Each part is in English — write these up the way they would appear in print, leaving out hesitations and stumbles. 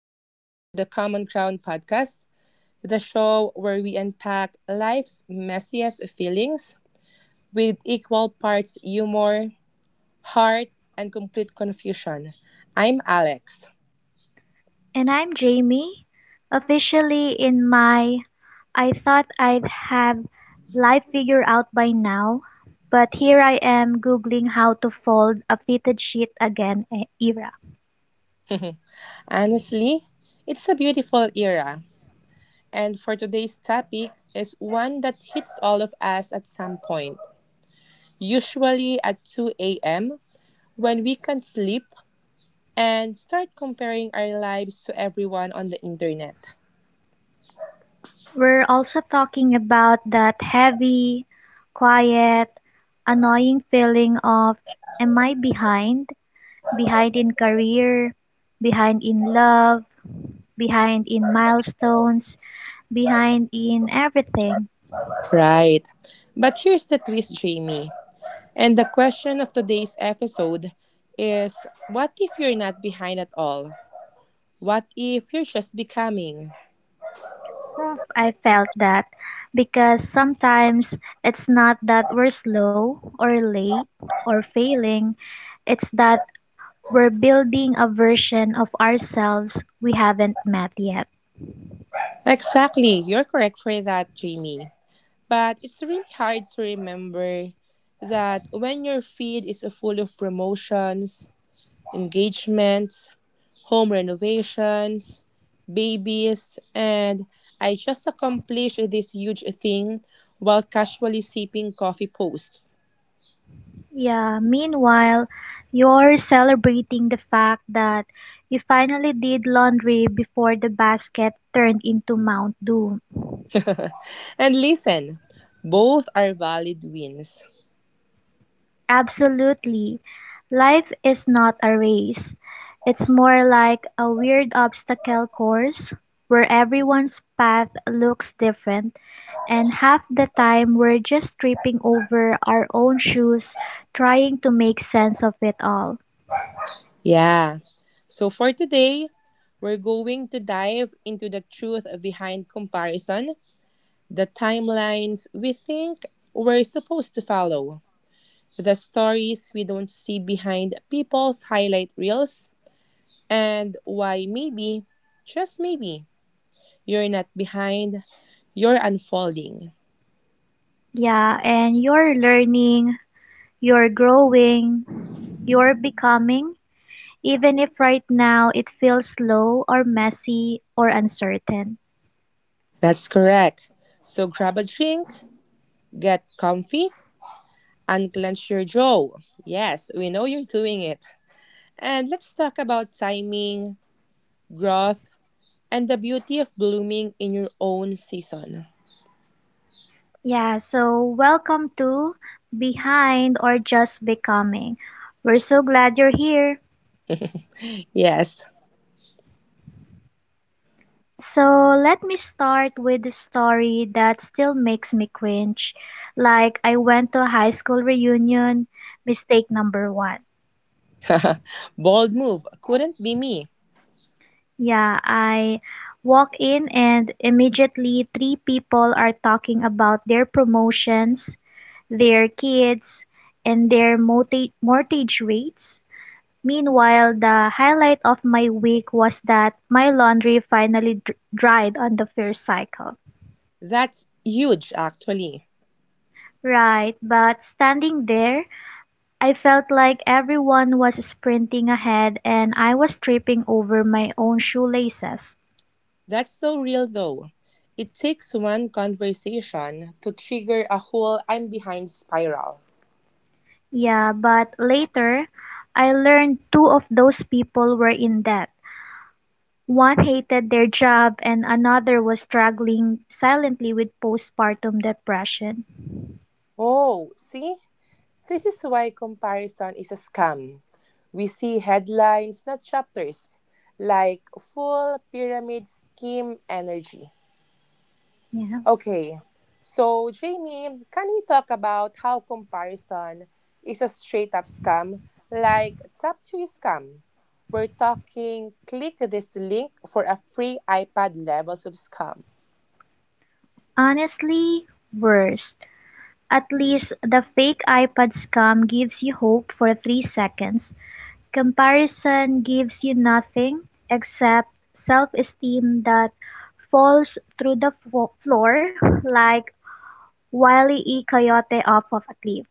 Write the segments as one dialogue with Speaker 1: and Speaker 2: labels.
Speaker 1: friends, to the Common Ground podcast, the show where we unpack life's messiest feelings with equal parts humor, heart, and complete confusion. I'm Alex.
Speaker 2: And I'm Jamie, officially in my I thought I'd have life figured out by now, but here I am googling how to fold a fitted sheet again, era.
Speaker 1: Honestly, it's a beautiful era. And for today's topic is one that hits all of us at some point, usually at 2 a.m. when we can't sleep and start comparing our lives to everyone on the internet.
Speaker 2: We're also talking about that heavy, quiet, annoying feeling of am I behind? Behind in career, behind in love, behind in milestones, behind in everything.
Speaker 1: Right. But here's the twist, Jamie. And the question of today's episode is what if you're not behind at all? What if you're just becoming?
Speaker 2: Well, I felt that because sometimes it's not that we're slow or late or failing, it's that we're building a version of ourselves we haven't met yet.
Speaker 1: Exactly. You're correct for that, Jamie. But it's really hard to remember that when your feed is full of promotions, engagements, home renovations, babies, and I just accomplished this huge thing while casually sipping coffee post.
Speaker 2: Yeah, meanwhile, you're celebrating the fact that you finally did laundry before the basket turned into Mount Doom.
Speaker 1: and listen, both are valid wins.
Speaker 2: Absolutely. Life is not a race. It's more like a weird obstacle course where everyone's path looks different, and half the time we're just tripping over our own shoes trying to make sense of it all.
Speaker 1: Yeah. So for today, we're going to dive into the truth behind comparison, the timelines we think we're supposed to follow, the stories we don't see behind people's highlight reels, and why maybe, just maybe, you're not behind, you're unfolding.
Speaker 2: Yeah, and you're learning, you're growing, you're becoming, even if right now it feels slow or messy or uncertain.
Speaker 1: That's correct. So grab a drink, get comfy, unclench your jaw. Yes, we know you're doing it. And let's talk about timing, growth, and the beauty of blooming in your own season.
Speaker 2: Yeah, so welcome to Behind or Just Becoming. We're so glad you're here.
Speaker 1: Yes.
Speaker 2: So let me start with a story that still makes me cringe. Like, I went to a high school reunion, mistake number one.
Speaker 1: Bold move. Couldn't be me.
Speaker 2: Yeah, I walk in and immediately three people are talking about their promotions, their kids, and their mortgage rates. Meanwhile, the highlight of my week was that my laundry finally dried on the first cycle.
Speaker 1: That's huge, actually.
Speaker 2: Right, but standing there, I felt like everyone was sprinting ahead and I was tripping over my own shoelaces.
Speaker 1: That's so real though. It takes one conversation to trigger a whole I'm behind spiral.
Speaker 2: Yeah, but later, I learned two of those people were in debt. One hated their job and another was struggling silently with postpartum depression.
Speaker 1: Oh, see? This is why comparison is a scam. We see headlines, not chapters, like full pyramid scheme energy.
Speaker 2: Yeah.
Speaker 1: Okay, so Jamie, can we talk about how comparison is a straight up scam like top tier scam? We're talking click this link for a free iPad levels of scam.
Speaker 2: Honestly, worse. At least the fake iPad scam gives you hope for 3 seconds. Comparison gives you nothing except self esteem that falls through the floor like Wily E. Coyote off of a cliff.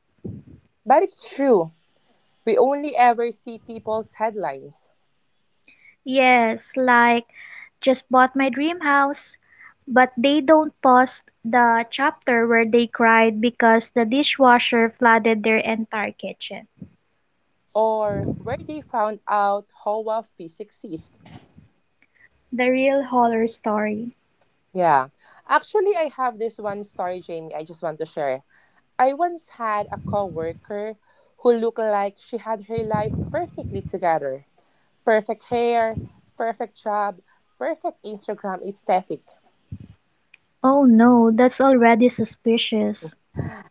Speaker 1: But it's true, we only ever see people's headlines
Speaker 2: Yes, like just bought my dream house. But they don't post the chapter where they cried because the dishwasher flooded their entire kitchen.
Speaker 1: or where they found out how a physics is.
Speaker 2: The real horror story.
Speaker 1: Yeah, actually, I have this one story, Jamie, I just want to share. I once had a coworker who looked like she had her life perfectly together. Perfect hair, perfect job, perfect Instagram aesthetic.
Speaker 2: Oh no, that's already suspicious.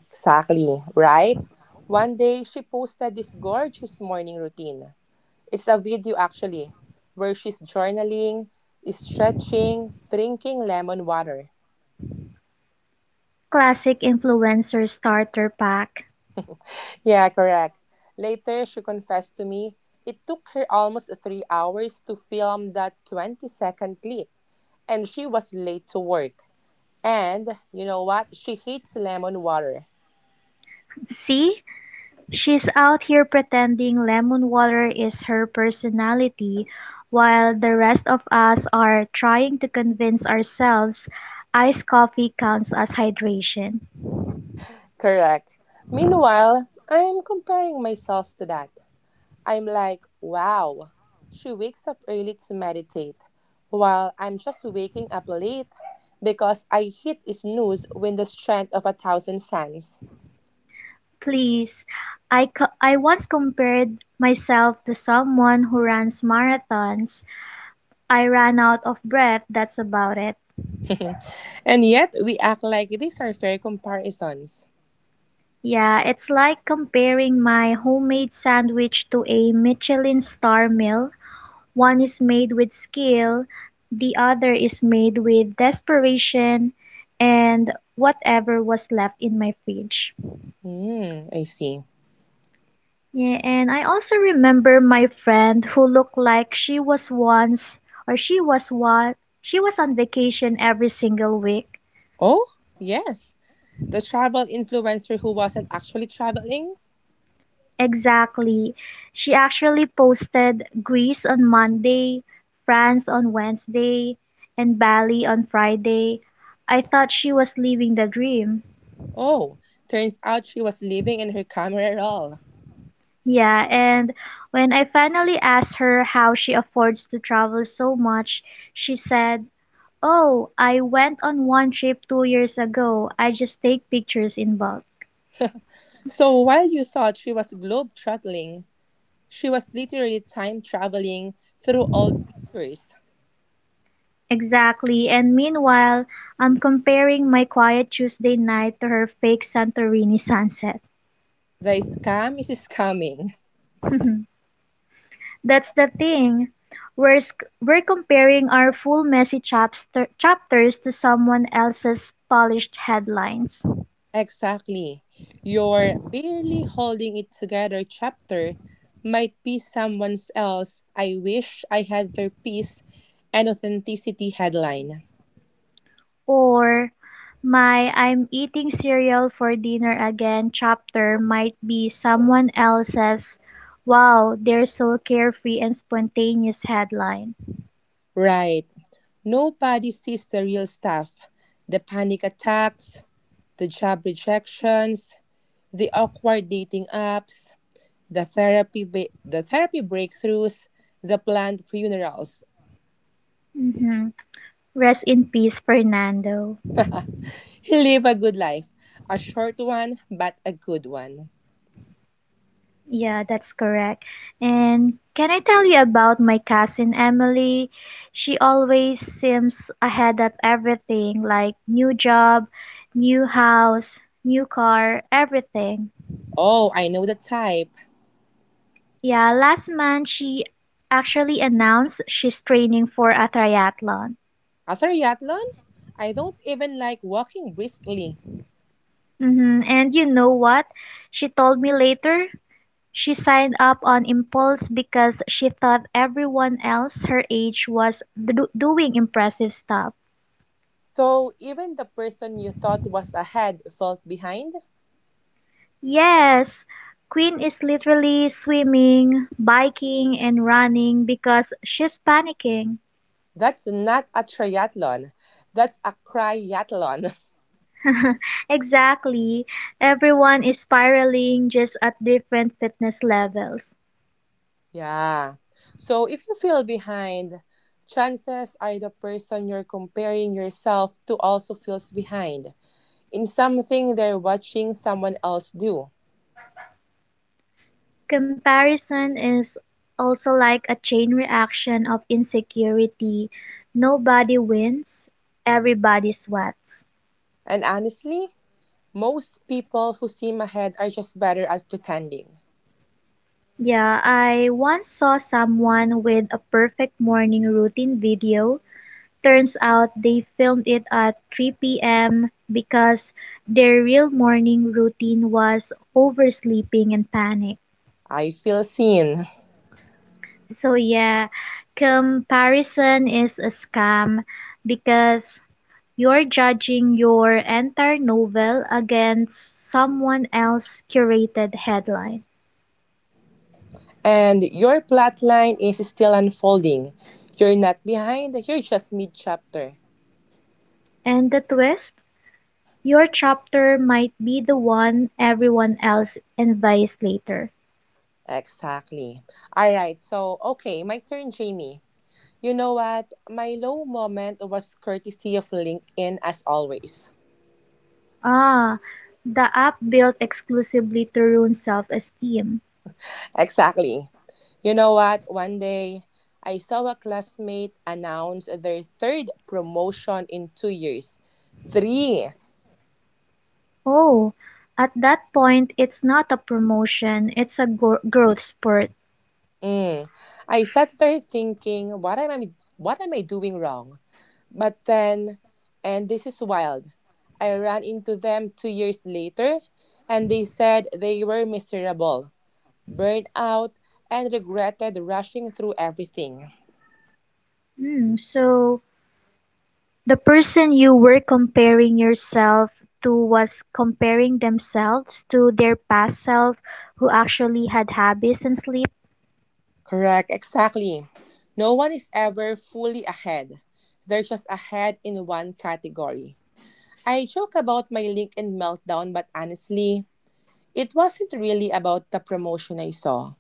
Speaker 1: Exactly, right? One day she posted this gorgeous morning routine. It's a video actually where she's journaling, stretching, drinking lemon water.
Speaker 2: Classic influencer starter pack.
Speaker 1: Yeah, correct. Later she confessed to me it took her almost 3 hours to film that 20-second clip. And she was late to work. And you know what? She hates lemon water.
Speaker 2: See? She's out here pretending lemon water is her personality, while the rest of us are trying to convince ourselves iced coffee counts as hydration.
Speaker 1: Correct. Meanwhile, I'm comparing myself to that. I'm like, wow, she wakes up early to meditate, while I'm just waking up late because I hit snooze with the strength of a thousand suns.
Speaker 2: Please, I once compared myself to someone who runs marathons. I ran out of breath, that's about it.
Speaker 1: And yet, we act like these are fair comparisons.
Speaker 2: Yeah, it's like comparing my homemade sandwich to a Michelin star meal. One is made with skill, the other is made with desperation and whatever was left in my fridge.
Speaker 1: Hmm, I see.
Speaker 2: Yeah, and I also remember my friend who looked like she was once or she was what she was on vacation every single week.
Speaker 1: Oh, yes. The travel influencer who wasn't actually traveling.
Speaker 2: Exactly. She actually posted Greece on Monday, France on Wednesday, and Bali on Friday. I thought she was living the dream.
Speaker 1: Oh, turns out she was living in her camera roll.
Speaker 2: Yeah, and when I finally asked her how she affords to travel so much, she said, oh, I went on one trip 2 years ago. I just take pictures in bulk.
Speaker 1: So while you thought she was globe-trotting, she was literally time-traveling through old pictures.
Speaker 2: Exactly. And meanwhile, I'm comparing my quiet Tuesday night to her fake Santorini sunset.
Speaker 1: The scam is scamming.
Speaker 2: That's the thing. We're comparing our full messy chapters to someone else's polished headlines.
Speaker 1: Exactly. Your barely holding it together chapter might be someone else. I wish I had their peace and authenticity headline.
Speaker 2: Or my I'm eating cereal for dinner again chapter might be someone else's wow, they're so carefree and spontaneous headline.
Speaker 1: Right. Nobody sees the real stuff. The panic attacks, the job rejections, the awkward dating apps, the therapy breakthroughs, the planned funerals.
Speaker 2: Mhm. Rest in peace, Fernando.
Speaker 1: He lived a good life, a short one but a good one.
Speaker 2: Yeah, that's correct. And can I tell you about my cousin Emily? She always seems ahead of everything, like new job, new house, new car, everything.
Speaker 1: Oh, I know the type.
Speaker 2: Yeah, last month she actually announced she's training for a triathlon.
Speaker 1: After Yatlon, I don't even like walking briskly.
Speaker 2: Hmm. And you know what? She told me later she signed up on impulse because she thought everyone else her age was doing impressive stuff.
Speaker 1: So even the person you thought was ahead felt behind?
Speaker 2: Yes, Queen is literally swimming, biking, and running because she's panicking.
Speaker 1: That's not a triathlon. That's a cryathlon.
Speaker 2: exactly. Everyone is spiraling just at different fitness levels.
Speaker 1: Yeah. So if you feel behind, chances are the person you're comparing yourself to also feels behind in something they're watching someone else do.
Speaker 2: Comparison is also like a chain reaction of insecurity. Nobody wins, everybody sweats.
Speaker 1: And honestly, most people who seem ahead are just better at pretending.
Speaker 2: Yeah, I once saw someone with a perfect morning routine video. Turns out they filmed it at 3 p.m. because their real morning routine was oversleeping and panic.
Speaker 1: I feel seen.
Speaker 2: So yeah, comparison is a scam because you're judging your entire novel against someone else's curated headline.
Speaker 1: And your plotline is still unfolding. You're not behind, you're just mid chapter.
Speaker 2: And the twist? Your chapter might be the one everyone else envies later.
Speaker 1: Exactly. All right. So, okay, my turn, Jamie. You know what? My low moment was courtesy of LinkedIn as always.
Speaker 2: Ah, the app built exclusively to ruin self-esteem.
Speaker 1: Exactly. You know what? One day, I saw a classmate announce their third promotion in 2 years. Three.
Speaker 2: Oh, at that point, it's not a promotion, it's a growth spurt.
Speaker 1: Mm. I sat there thinking, what am I doing wrong? But then, and this is wild, I ran into them 2 years later and they said they were miserable, burned out, and regretted rushing through everything.
Speaker 2: Hmm, so the person you were comparing yourself to was comparing themselves to their past self who actually had habits and sleep.
Speaker 1: Correct, exactly. No one is ever fully ahead. They're just ahead in one category. I joke about my LinkedIn meltdown, but honestly, it wasn't really about the promotion I saw.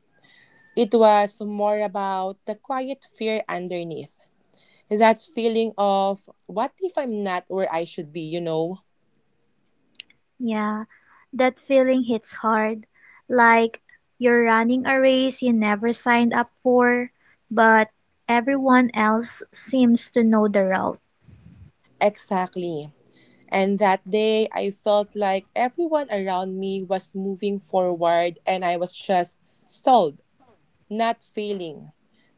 Speaker 1: It was more about the quiet fear underneath, that feeling of what if I'm not where I should be, you know?
Speaker 2: Yeah, that feeling hits hard, like you're running a race you never signed up for, but everyone else seems to know the route.
Speaker 1: Exactly. And that day, I felt like everyone around me was moving forward and I was just stalled, not failing,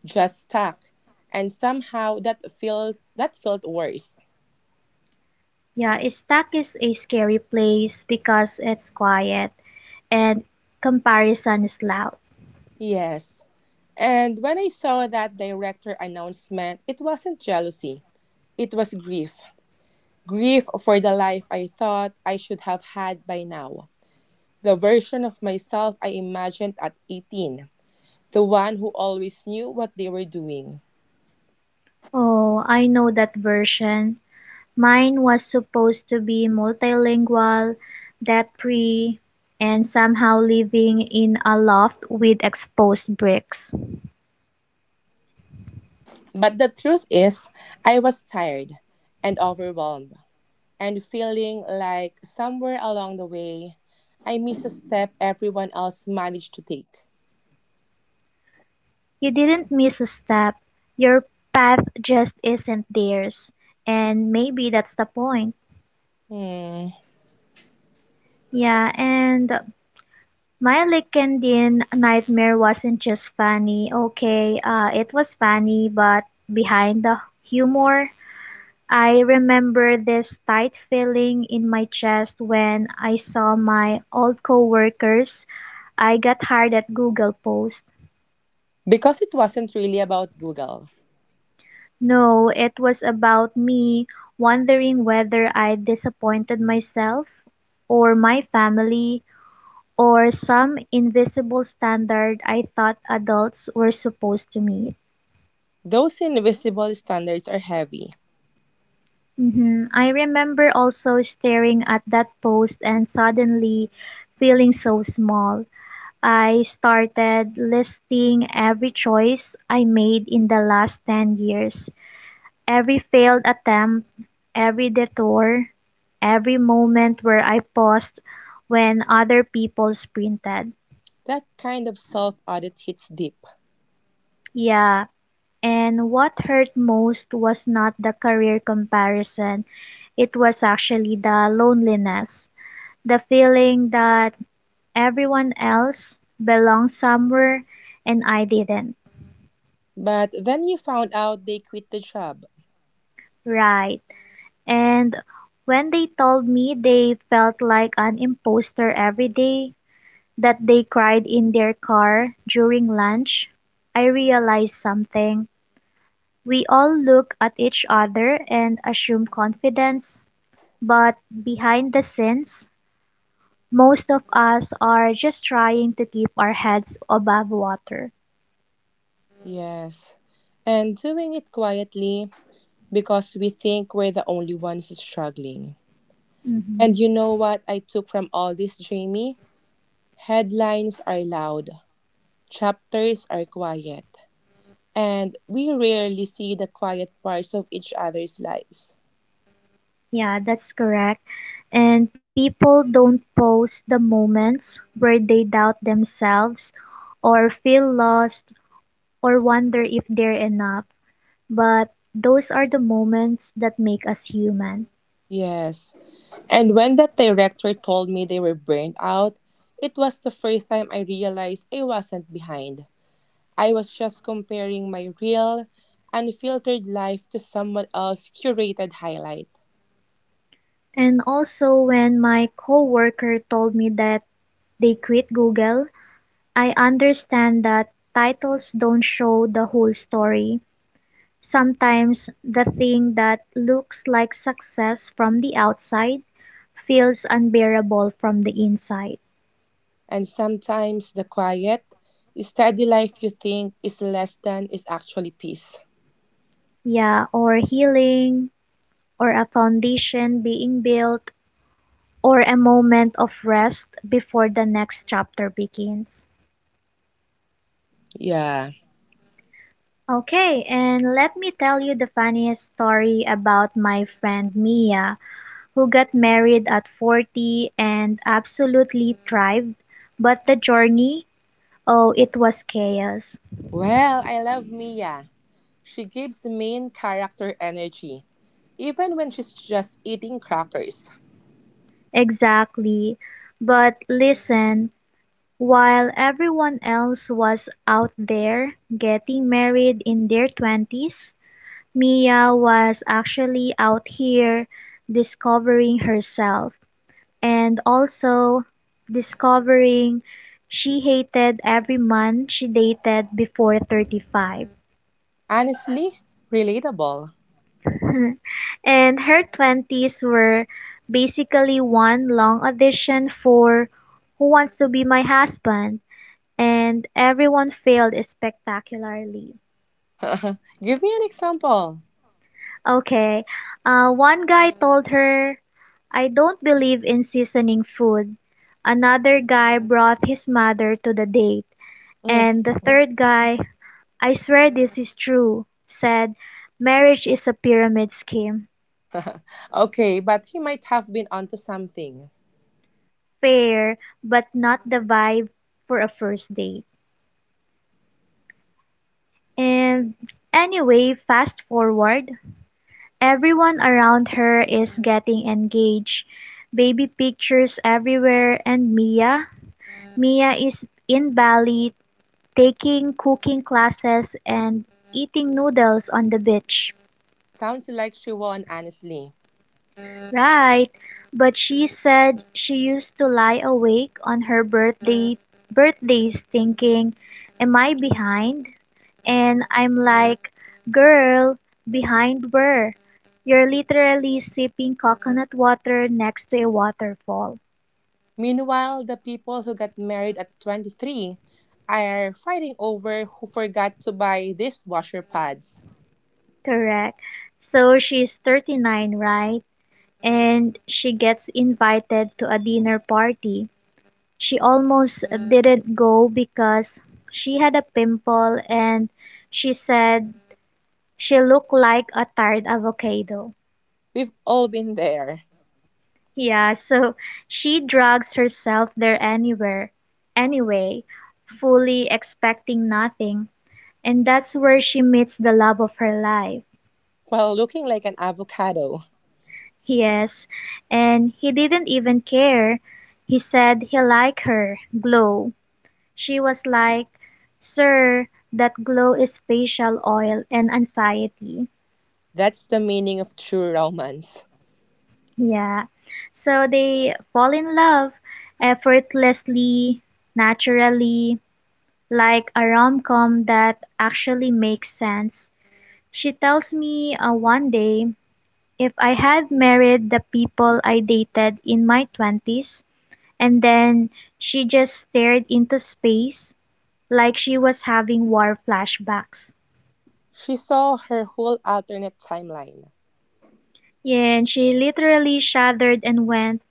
Speaker 1: just stuck. And somehow that felt worse.
Speaker 2: Yeah, Stack is a scary place because it's quiet and comparison is loud.
Speaker 1: Yes. And when I saw that director announcement, it wasn't jealousy. It was grief. Grief for the life I thought I should have had by now. The version of myself I imagined at 18, the one who always knew what they were doing.
Speaker 2: Oh, I know that version. Mine was supposed to be multilingual, debt free, and somehow living in a loft with exposed bricks.
Speaker 1: But the truth is, I was tired and overwhelmed and feeling like somewhere along the way, I missed a step everyone else managed to take.
Speaker 2: You didn't miss a step. Your path just isn't theirs. And maybe that's the point.
Speaker 1: Hmm.
Speaker 2: Yeah, and my Lickendian nightmare wasn't just funny. Okay, it was funny, but behind the humor, I remember this tight feeling in my chest when I saw my old coworkers. I got hired at Google Post.
Speaker 1: Because it wasn't really about Google.
Speaker 2: No, it was about me wondering whether I disappointed myself or my family or some invisible standard I thought adults were supposed to meet.
Speaker 1: Those invisible standards are heavy.
Speaker 2: Mhm. I remember also staring at that post and suddenly feeling so small. I started listing every choice I made in the last 10 years. Every failed attempt, every detour, every moment where I paused when other people sprinted.
Speaker 1: That kind of self audit hits deep.
Speaker 2: Yeah, and what hurt most was not the career comparison, it was actually the loneliness, the feeling that everyone else belonged somewhere and I didn't.
Speaker 1: But then you found out they quit the job.
Speaker 2: Right. And when they told me they felt like an imposter every day, that they cried in their car during lunch, I realized something. We all look at each other and assume confidence, but behind the scenes, most of us are just trying to keep our heads above water.
Speaker 1: Yes. And doing it quietly because we think we're the only ones struggling. And
Speaker 2: Hmm.
Speaker 1: you know what I took from all this, Jamie? Headlines are loud, chapters are quiet, and we rarely see the quiet parts of each other's lives.
Speaker 2: Yeah, that's correct. And people don't post the moments where they doubt themselves or feel lost or wonder if they're enough. But those are the moments that make us human.
Speaker 1: Yes. And when that director told me they were burned out, it was the first time I realized I wasn't behind. I was just comparing my real, unfiltered life to someone else's curated highlight.
Speaker 2: And also when my coworker told me that they quit Google, I understand that titles don't show the whole story. Sometimes the thing that looks like success from the outside feels unbearable from the inside.
Speaker 1: And sometimes the quiet, steady life you think is less than is actually peace.
Speaker 2: Yeah, or healing, or a foundation being built, or a moment of rest before the next chapter begins.
Speaker 1: Yeah.
Speaker 2: Okay, and let me tell you the funniest story about my friend Mia, who got married at 40 and absolutely thrived. But the journey, oh, it was chaos.
Speaker 1: Well, I love Mia. She gives main character energy, even when she's just eating crackers.
Speaker 2: Exactly. But listen, while everyone else was out there getting married in their 20s, Mia was actually out here discovering herself. And also discovering she hated every man she dated before 35.
Speaker 1: Honestly, relatable.
Speaker 2: and her 20s were basically one long audition for Who Wants to Be My Husband, and everyone failed spectacularly.
Speaker 1: Give me an example.
Speaker 2: Okay, one guy told her, I don't believe in seasoning food. Another guy brought his mother to the date,
Speaker 1: Mm.
Speaker 2: and the third guy, "I swear this is true," said, "Marriage is a pyramid scheme,
Speaker 1: Okay, but he might have been onto something.
Speaker 2: fair, but not the vibe for a first date." And anyway, fast forward, everyone around her is getting engaged, baby pictures everywhere, and Mia is in Bali taking cooking classes and eating noodles on the beach.
Speaker 1: Sounds like she won, honestly.
Speaker 2: Right. But she said she used to lie awake on her birthdays thinking, am I behind? And I'm like, girl, behind where? You're literally sipping coconut water next to a waterfall.
Speaker 1: Meanwhile, the people who got married at 23 are fighting over who forgot to buy dishwasher pads.
Speaker 2: Correct. So she's 39, right? And she gets invited to a dinner party. She almost didn't go because she had a pimple and she said she looked like a tired avocado.
Speaker 1: We've all been there.
Speaker 2: Yeah, so she drags herself there anyway, fully expecting nothing. And that's where she meets the love of her life.
Speaker 1: While looking like an avocado.
Speaker 2: Yes, and he didn't even care. He said he liked her glow. She was like, "Sir, that glow is facial oil and anxiety."
Speaker 1: That's the meaning of true romance.
Speaker 2: Yeah. So they fall in love effortlessly, naturally, like a rom com that actually makes sense. She tells me one day if I had married the people I dated in my twenties," and then she just stared into space like she was having war flashbacks.
Speaker 1: She saw her whole alternate timeline.
Speaker 2: Yeah, and she literally shuddered and went,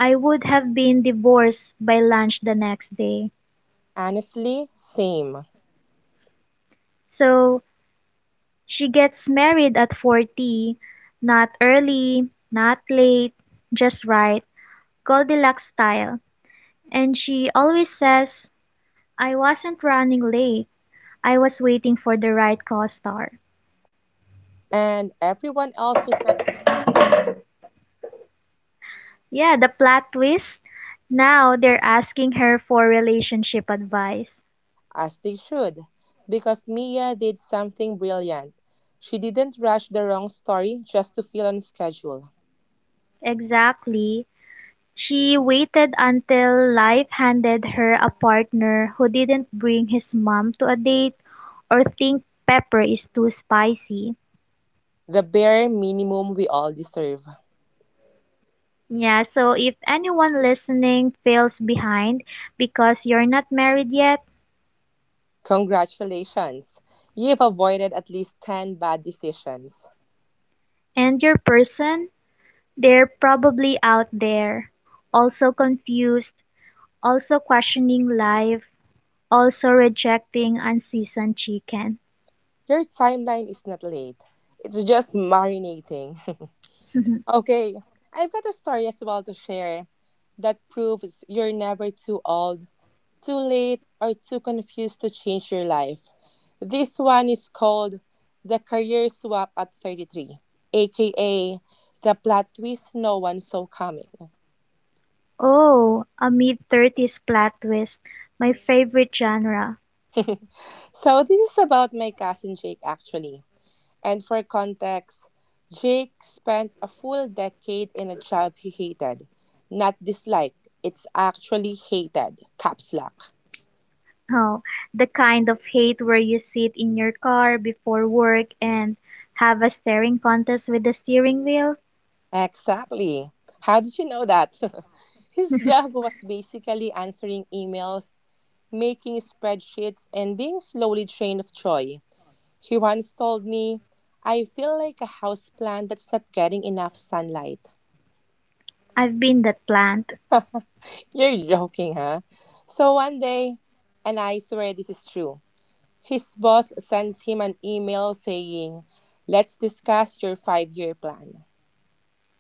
Speaker 2: I would have been divorced by lunch the next day.
Speaker 1: Honestly, same.
Speaker 2: So she gets married at 40, not early, not late, just right, Goldilocks style. And she always says, I wasn't running late, I was waiting for the right co star.
Speaker 1: And everyone else who said
Speaker 2: Yeah, the plot twist. Now they're asking her for relationship advice.
Speaker 1: as they should, because Mia did something brilliant. She didn't rush the wrong story just to feel on schedule.
Speaker 2: Exactly. She waited until life handed her a partner who didn't bring his mom to a date or think pepper is too spicy.
Speaker 1: The bare minimum we all deserve.
Speaker 2: Yeah, so if anyone listening feels behind because you're not married yet
Speaker 1: Congratulations. You've avoided at least 10 bad decisions.
Speaker 2: and your person, they're probably out there, also confused, also questioning life, also rejecting unseasoned chicken.
Speaker 1: Your timeline is not late, it's just marinating. Okay, I've got a story as well to share that proves you're never too old, too late, or too confused to change your life. This one is called The Career Swap at 33, aka The Plot Twist No One Saw Coming.
Speaker 2: Oh, a mid-thirties plot twist. My favorite genre.
Speaker 1: So, this is about my cousin Jake actually. And for context, Jake spent a full decade in a job he hated. Not disliked, it's actually hated. Caps lock.
Speaker 2: Oh, the kind of hate where you sit in your car before work and have a staring contest with the steering wheel.
Speaker 1: Exactly. How did you know that? His job was basically answering emails, making spreadsheets, and being slowly drained of joy. He once told me, I feel like a houseplant that's not getting enough sunlight.
Speaker 2: I've been that plant.
Speaker 1: You're joking, huh? So one day, and I swear this is true. His boss sends him an email saying, let's discuss your 5 year plan.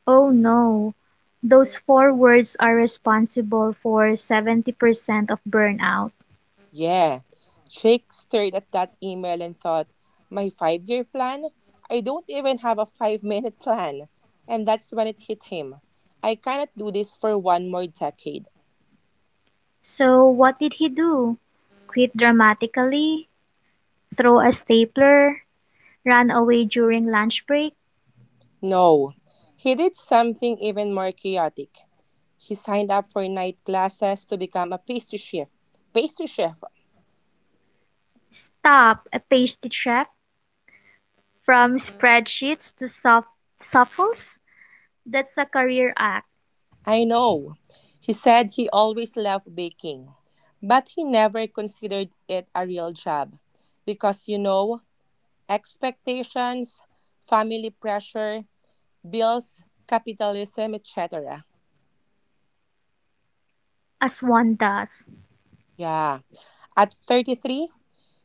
Speaker 2: Oh no. Those four words are responsible for 70% of burnout.
Speaker 1: Yeah, Jake stared at that email and thought, my 5 year plan? I don't even have a 5 minute plan. And that's when it hit him. I cannot do this for one more decade.
Speaker 2: So what did he do? Quit dramatically? Throw a stapler? Run away during lunch break?
Speaker 1: No. He did something even more chaotic. He signed up for night classes to become a pastry chef. Pastry chef!
Speaker 2: Stop, a pastry chef? From spreadsheets to supples? That's a career act,
Speaker 1: I know. He said he always loved baking, but he never considered it a real job because, you know, expectations, family pressure, bills, capitalism, etc.
Speaker 2: as one does.
Speaker 1: Yeah. At 33,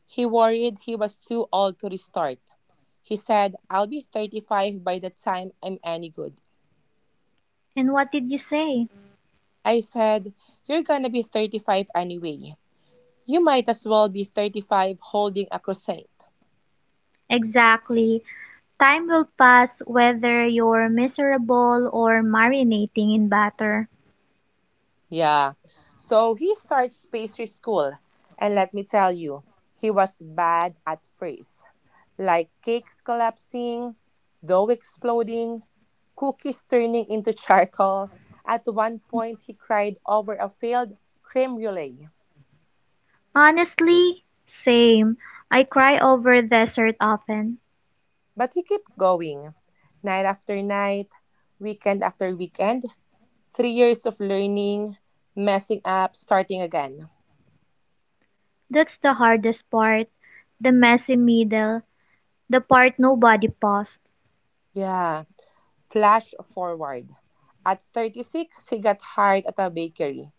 Speaker 1: he worried he was too old to restart. He said, I'll be 35 by the time I'm any good.
Speaker 2: And what did you say?
Speaker 1: I said, you're gonna be 35 anyway. You might as well be 35 holding a croissant.
Speaker 2: Exactly. Time will pass whether you're miserable or marinating in batter.
Speaker 1: Yeah. So he starts pastry school. And let me tell you, he was bad at first. Like cakes collapsing, dough exploding, cookies turning into charcoal. At one point, he cried over a failed creme brulee.
Speaker 2: Honestly, same. I cry over dessert often.
Speaker 1: But he kept going. Night after night, weekend after weekend, 3 years of learning, messing up, starting again.
Speaker 2: That's the hardest part. The messy middle. The part nobody paused.
Speaker 1: Yeah. Flash forward. At 36, he got hired at a bakery.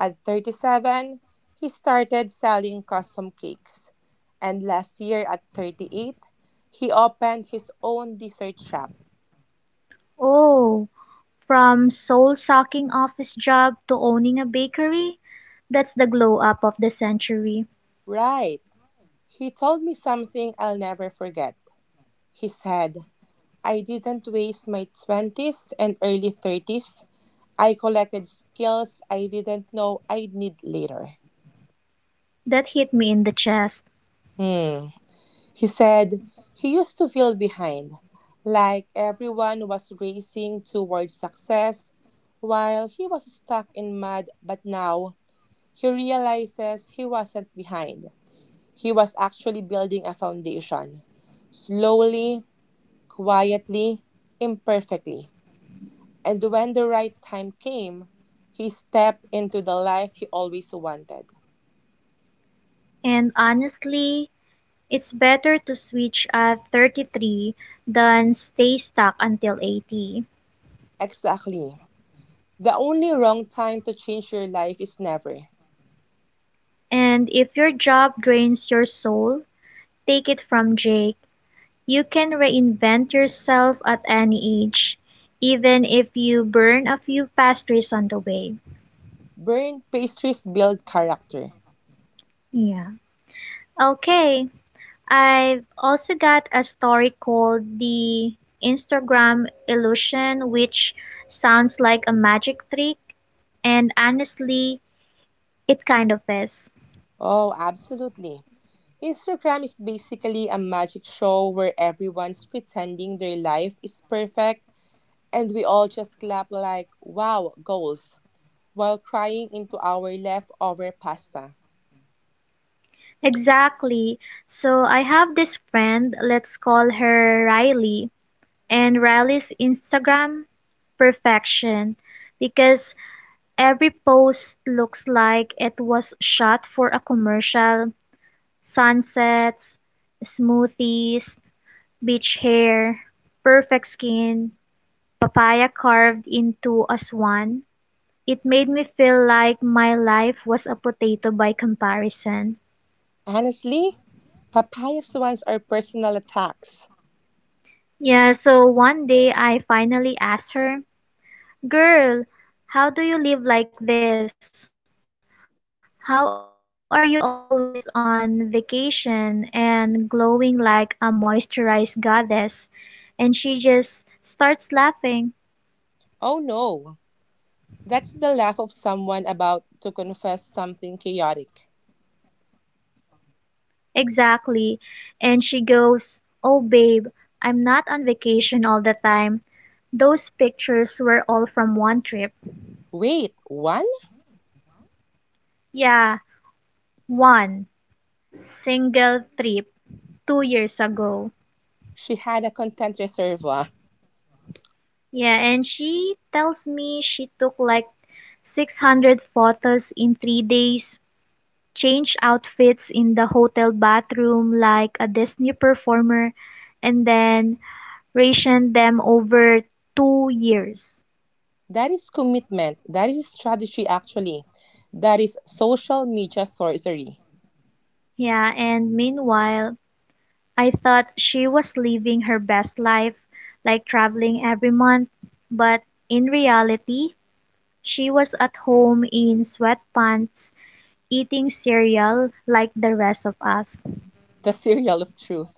Speaker 1: At 37, he started selling custom cakes. And last year, at 38, he opened his own dessert shop.
Speaker 2: Oh, from soul-sucking office job to owning a bakery, that's the glow-up of the century.
Speaker 1: Right. He told me something I'll never forget. He said, I didn't waste my 20s and early 30s. I collected skills I didn't know I'd need later.
Speaker 2: That hit me in the chest.
Speaker 1: Hmm. He said he used to feel behind, like everyone was racing towards success while he was stuck in mud, but now he realizes he wasn't behind. He was actually building a foundation, slowly, quietly, imperfectly. And when the right time came, he stepped into the life he always wanted.
Speaker 2: And honestly, it's better to switch at 33 than stay stuck until 80.
Speaker 1: Exactly. The only wrong time to change your life is never.
Speaker 2: And if your job drains your soul, take it from Jake. You can reinvent yourself at any age, even if you burn a few pastries on the way.
Speaker 1: Burnt pastries build character.
Speaker 2: Yeah. Okay. I've also got a story called The Instagram Illusion, which sounds like a magic trick, and honestly, it kind of is.
Speaker 1: Oh, absolutely. Instagram is basically a magic show where everyone's pretending their life is perfect and we all just clap like, wow, goals, while crying into our leftover pasta.
Speaker 2: Exactly. So I have this friend, let's call her Riley, and Riley's Instagram perfection because every post looks like it was shot for a commercial, sunsets, smoothies, beach hair, perfect skin, papaya carved into a swan. It made me feel like my life was a potato by comparison.
Speaker 1: Honestly, papaya swans are personal attacks.
Speaker 2: Yeah, so one day I finally asked her, "Girl, how do you live like this? How are you always on vacation and glowing like a moisturized goddess?" And she just starts laughing.
Speaker 1: Oh no, that's the laugh of someone about to confess something chaotic.
Speaker 2: Exactly. And she goes, "Oh, babe, I'm not on vacation all the time. Those pictures were all from one trip."
Speaker 1: Wait, one?
Speaker 2: Yeah, one single trip 2 years ago.
Speaker 1: She had a content reservoir.
Speaker 2: Yeah, and she tells me she took like 600 photos in 3 days, changed outfits in the hotel bathroom like a Disney performer, and then rationed them over 2 years.
Speaker 1: That is commitment. That is strategy, actually. That is social media sorcery,
Speaker 2: Yeah, and meanwhile, I thought she was living her best life, like traveling every month, but in reality, she was at home in sweatpants, eating cereal like the rest of us.
Speaker 1: the serial of truth.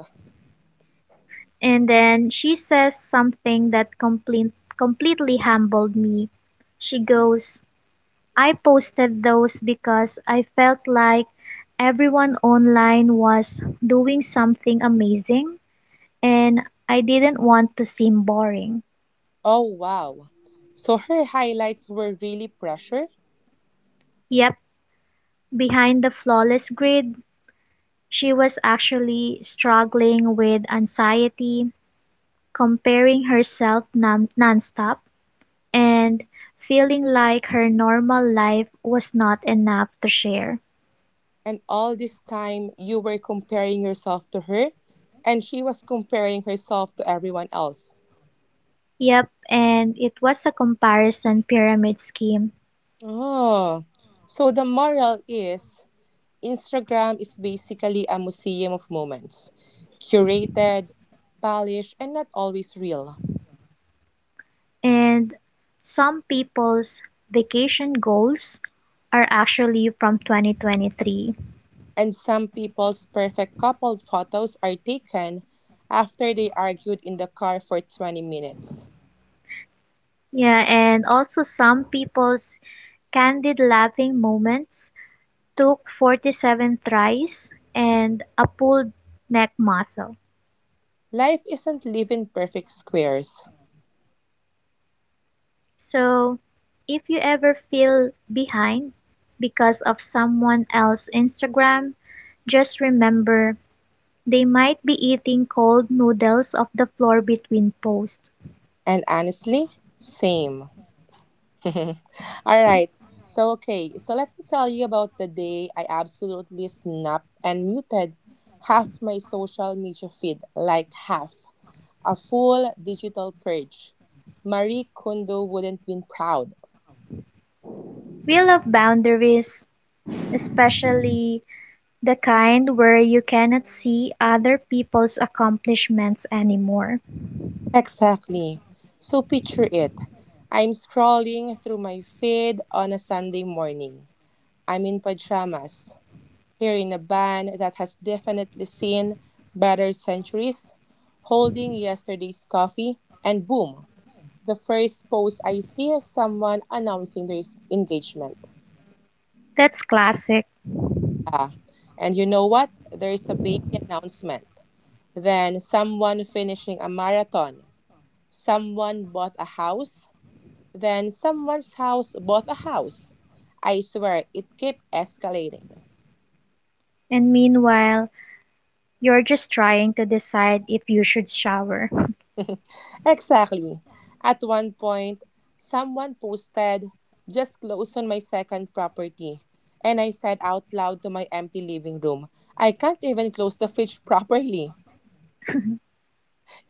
Speaker 2: And then she says something that completely humbled me. She goes, "I posted those because I felt like everyone online was doing something amazing and I didn't want to seem boring."
Speaker 1: Oh, wow. So her highlights were really pressure.
Speaker 2: Yep, behind the flawless grid, she was actually struggling with anxiety, comparing herself nonstop, and feeling like her normal life was not enough to share.
Speaker 1: And all this time, you were comparing yourself to her, and she was comparing herself to everyone else.
Speaker 2: Yep, and it was a comparison pyramid scheme,
Speaker 1: Oh, so the moral is Instagram is basically a museum of moments, curated, polished, and not always real.
Speaker 2: and some people's vacation goals are actually from 2023.
Speaker 1: And some people's perfect couple photos are taken after they argued in the car for 20 minutes.
Speaker 2: Yeah, and also some people's candid laughing moments took 47 tries and a pulled neck muscle.
Speaker 1: Life isn't lived in perfect squares.
Speaker 2: So, if you ever feel behind because of someone else's Instagram, just remember they might be eating cold noodles off the floor between posts.
Speaker 1: And honestly, same. All right. So, okay. So, let me tell you about the day I absolutely snapped and muted half my social media feed, like half, a full digital purge. Marie Kondo wouldn't been proud.
Speaker 2: We love boundaries, especially the kind where you cannot see other people's accomplishments anymore.
Speaker 1: Exactly. So picture it. I'm scrolling through my feed on a Sunday morning. I'm in pajamas, here in a band that has definitely seen better centuries, holding yesterday's coffee, and boom, the first post I see is someone announcing their engagement.
Speaker 2: That's classic.
Speaker 1: Ah, and you know what? There is a baby announcement. Then someone finishing a marathon. Someone bought a house then someone's house bought a house. I swear it kept escalating.
Speaker 2: And meanwhile, you're just trying to decide if you should shower.
Speaker 1: Exactly. At one point, someone posted, just closed on my second property. And I said out loud to my empty living room, I can't even close the fridge properly.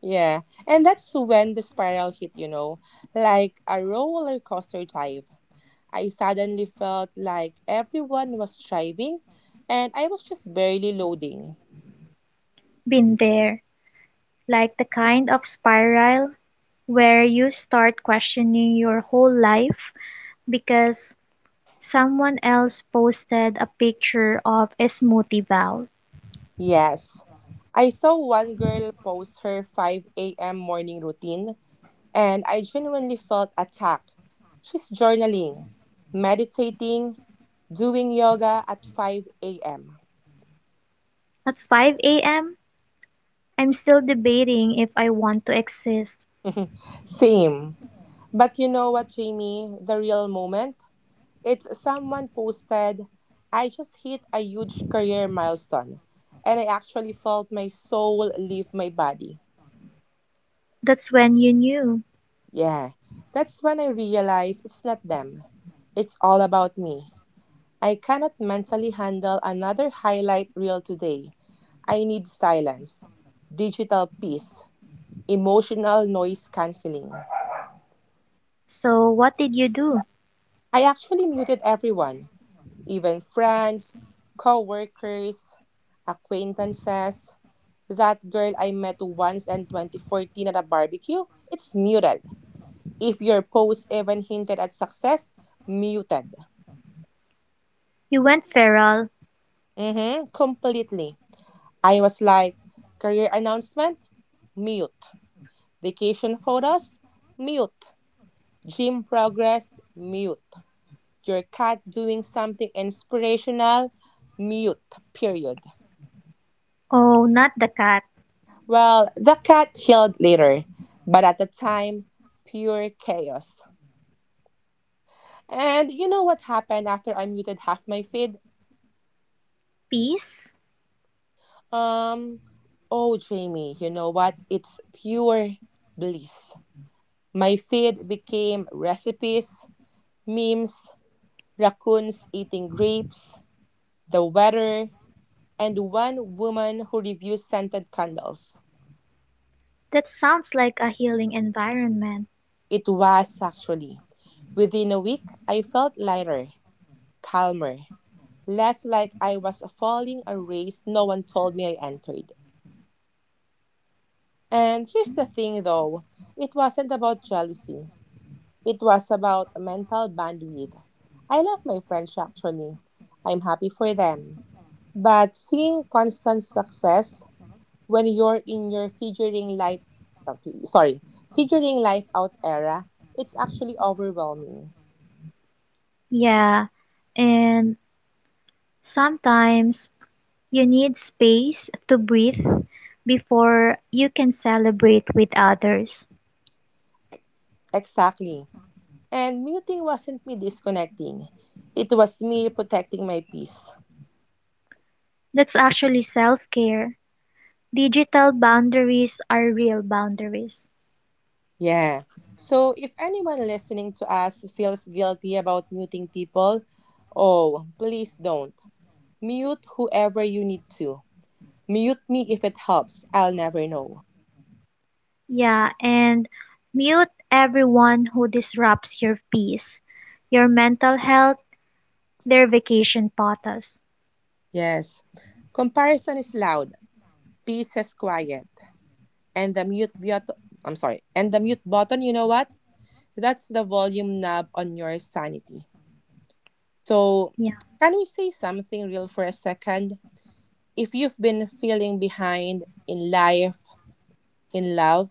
Speaker 1: Yeah, and that's when the spiral hit, you know, like a roller coaster dive. I suddenly felt like everyone was driving and I was just barely loading.
Speaker 2: Been there. Like the kind of spiral where you start questioning your whole life because someone else posted a picture of a smoothie bowl.
Speaker 1: Yes. I saw one girl post her 5 a.m. morning routine, and I genuinely felt attacked. She's journaling, meditating, doing yoga at 5 a.m.
Speaker 2: At 5 a.m., I'm still debating if I want to exist.
Speaker 1: Same. But you know what, Jamie? The real moment? It's someone posted, I just hit a huge career milestone, and I actually felt my soul leave my body.
Speaker 2: That's when you knew.
Speaker 1: Yeah, that's when I realized it's not them. It's all about me. I cannot mentally handle another highlight reel today. I need silence, digital peace, emotional noise canceling.
Speaker 2: So, what did you do?
Speaker 1: I actually muted everyone, even friends, co workers, acquaintances. That girl I met once in 2014 at a barbecue, it's muted. If your post even hinted at success, muted.
Speaker 2: You went feral.
Speaker 1: Mm-hmm, completely. I was like, career announcement? Mute. Vacation photos? Mute. Gym progress? Mute. Your cat doing something inspirational? Mute. Period.
Speaker 2: Oh, not the cat.
Speaker 1: Well, the cat healed later, but at the time, pure chaos. And you know what happened after I muted half my feed?
Speaker 2: Peace?
Speaker 1: Um, oh, Jamie, you know what? It's pure bliss. My feed became recipes, memes, raccoons eating grapes, the weather, and one woman who reviews scented candles.
Speaker 2: That sounds like a healing environment.
Speaker 1: It was actually. Within a week, I felt lighter, calmer, less like I was falling a race no one told me I entered. And here's the thing though, it wasn't about jealousy, it was about mental bandwidth. I love my friends actually. I'm happy for them. But seeing constant success, when you're in your sorry, figuring life out era, it's actually overwhelming.
Speaker 2: Yeah, and sometimes you need space to breathe before you can celebrate with others.
Speaker 1: Exactly, and muting wasn't me disconnecting, it was me protecting my peace.
Speaker 2: That's actually self care. Digital boundaries are real boundaries.
Speaker 1: Yeah, so if anyone listening to us feels guilty about muting people, oh please don't. Mute whoever you need to. Mute me if it helps, I'll never know.
Speaker 2: Yeah, and mute everyone who disrupts your peace, your mental health, their vacation potas.
Speaker 1: Yes, comparison is loud, peace is quiet, and the mute button, I'm sorry, and the mute button, you know what, that's the volume knob on your sanity. So,
Speaker 2: Yeah,
Speaker 1: can we say something real for a second? If you've been feeling behind in life, in love,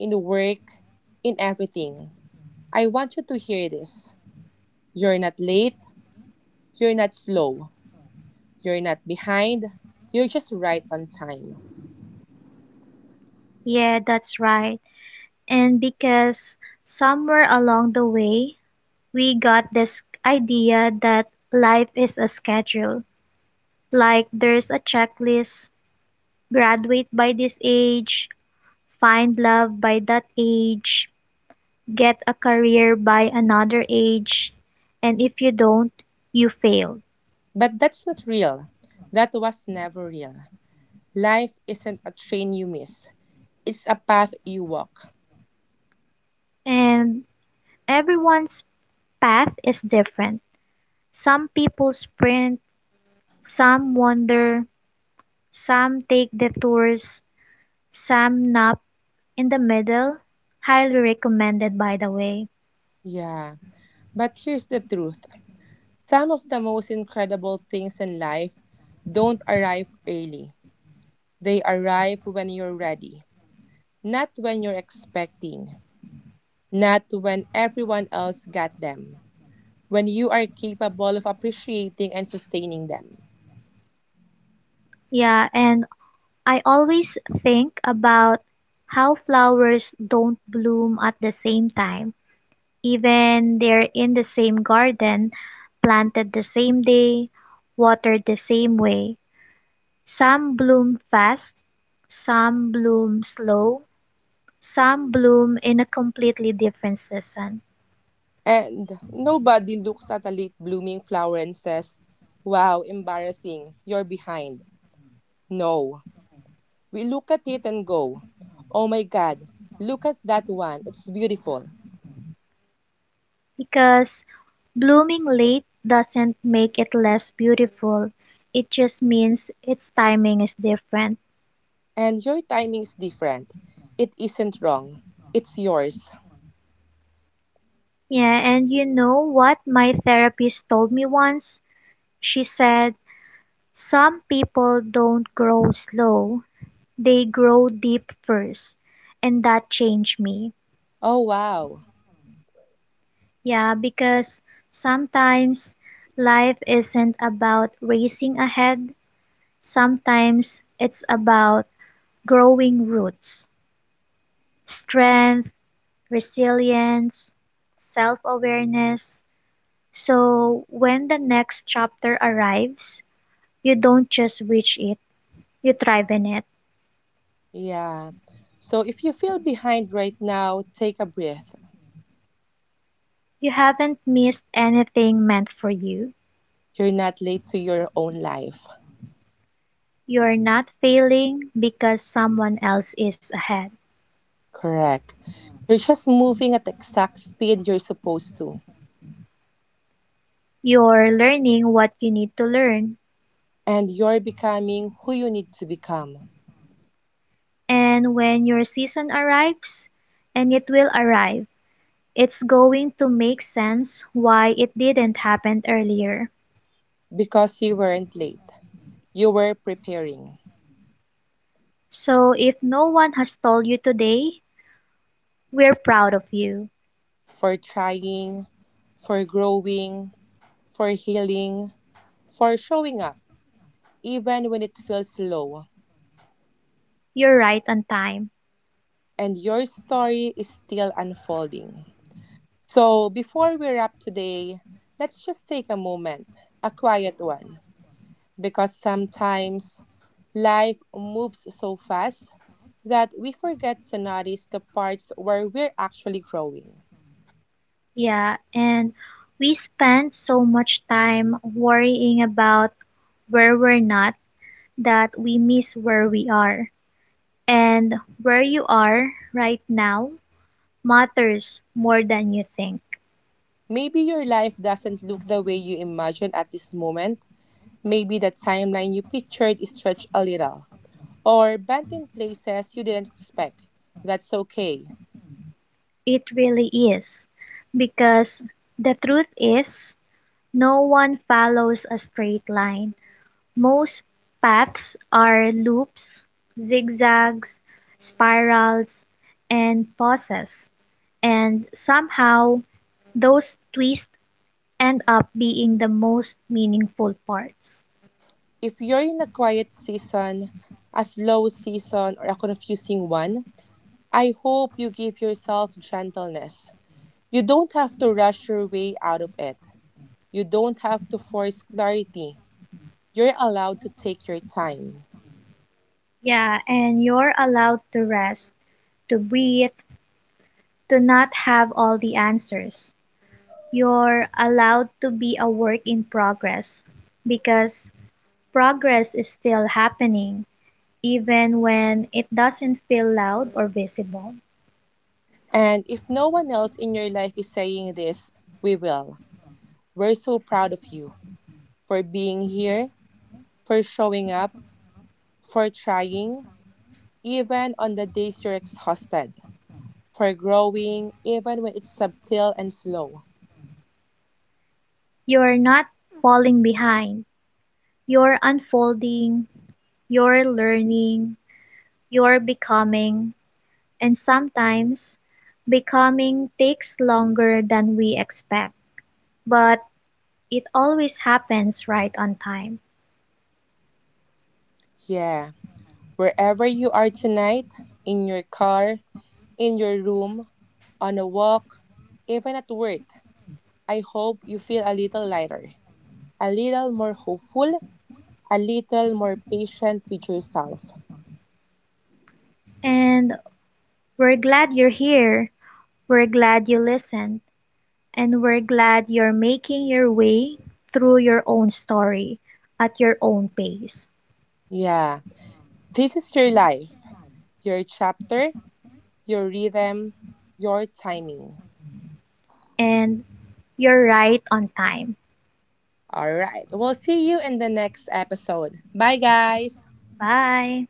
Speaker 1: in work, in everything, I want you to hear this. You're not late, you're not slow, you're not behind, you're just right on time.
Speaker 2: yeah, that's right. And because somewhere along the way we got this idea that life is a schedule. Like there's a checklist, graduate by this age, find love by that age, get a career by another age, and if you don't, you fail.
Speaker 1: But that's not real, that was never real. Life isn't a train you miss. It's a path you walk.
Speaker 2: And everyone's path is different. Some people sprint, some wander, some take detours, some nap in the middle. Highly recommended, by the way.
Speaker 1: Yeah. But here's the truth, some of the most incredible things in life don't arrive early, they arrive when you're ready, not when you're expecting, not when everyone else got them, when you are capable of appreciating and sustaining them.
Speaker 2: Yeah, and I always think about how flowers don't bloom at the same time, even they're in the same garden, planted the same day, watered the same way. Some bloom fast, some bloom slow, some bloom in a completely different season.
Speaker 1: And nobody looks at a late blooming flower and says, wow, embarrassing, you're behind. No. We look at it and go, oh my God, look at that one, it's beautiful.
Speaker 2: Because blooming late doesn't make it less beautiful. It just means its timing is different.
Speaker 1: And your timing is different. It isn't wrong, it's yours.
Speaker 2: Yeah, and you know what my therapist told me once? She said, "Some people don't grow slow, they grow deep first." And that changed me.
Speaker 1: Oh wow,
Speaker 2: Yeah, because sometimes life isn't about racing ahead, sometimes it's about growing roots. Strength, resilience, self awareness. So when the next chapter arrives, you don't just reach it, you thrive in it.
Speaker 1: yeah. So if you feel behind right now, take a breath.
Speaker 2: You haven't missed anything meant for you.
Speaker 1: You're not late to your own life.
Speaker 2: You're not failing because someone else is ahead.
Speaker 1: Correct. You're just moving at the exact speed you're supposed to.
Speaker 2: You're learning what you need to learn.
Speaker 1: And you're becoming who you need to become,
Speaker 2: And when your season arrives, and it will arrive, it's going to make sense why it didn't happen earlier.
Speaker 1: because you weren't late. You were preparing.
Speaker 2: So if no one has told you today, we're proud of you.
Speaker 1: For trying, for growing, for healing, for showing up, even when it feels slow.
Speaker 2: You're right on time.
Speaker 1: And your story is still unfolding. So, before we wrap today, let's just take a moment, a quiet one, because sometimes life moves so fast that we forget to notice the parts where we're actually growing.
Speaker 2: Yeah, and we spend so much time worrying about where we're not that we miss where we are. And where you are right now matters more than you think.
Speaker 1: Maybe your life doesn't look the way you imagine at this moment, maybe the timeline you pictured is stretched a little, or bent in places you didn't expect. That's okay.
Speaker 2: It really is. Because the truth is, no one follows a straight line. Most paths are loops, zigzags, spirals, and pauses, and somehow those twists end up being the most meaningful parts.
Speaker 1: If you're in a quiet season, a slow season, or a confusing one, I hope you give yourself gentleness. You don't have to rush your way out of it. You don't have to force clarity. You're allowed to take your time.
Speaker 2: Yeah, and you're allowed to rest, to breathe, to not have all the answers. You're allowed to be a work in progress because progress is still happening even when it doesn't feel loud or visible.
Speaker 1: And if no one else in your life is saying this, we will. We're so proud of you for being here, for showing up, for trying, even on the days you're exhausted, for growing, even when it's subtle and slow.
Speaker 2: You're not falling behind. You're unfolding, you're learning, you're becoming, and sometimes becoming takes longer than we expect, but it always happens right on time.
Speaker 1: Yeah, wherever you are tonight, in your car, in your room, on a walk, even at work, I hope you feel a little lighter, a little more hopeful, a little more patient with yourself.
Speaker 2: And we're glad you're here. We're glad you listened, and we're glad you're making your way through your own story at your own pace.
Speaker 1: Yeah, this is your life, your chapter, your rhythm, your timing.
Speaker 2: And you're right on time.
Speaker 1: All right. We'll see you in the next episode. Bye, guys.
Speaker 2: Bye.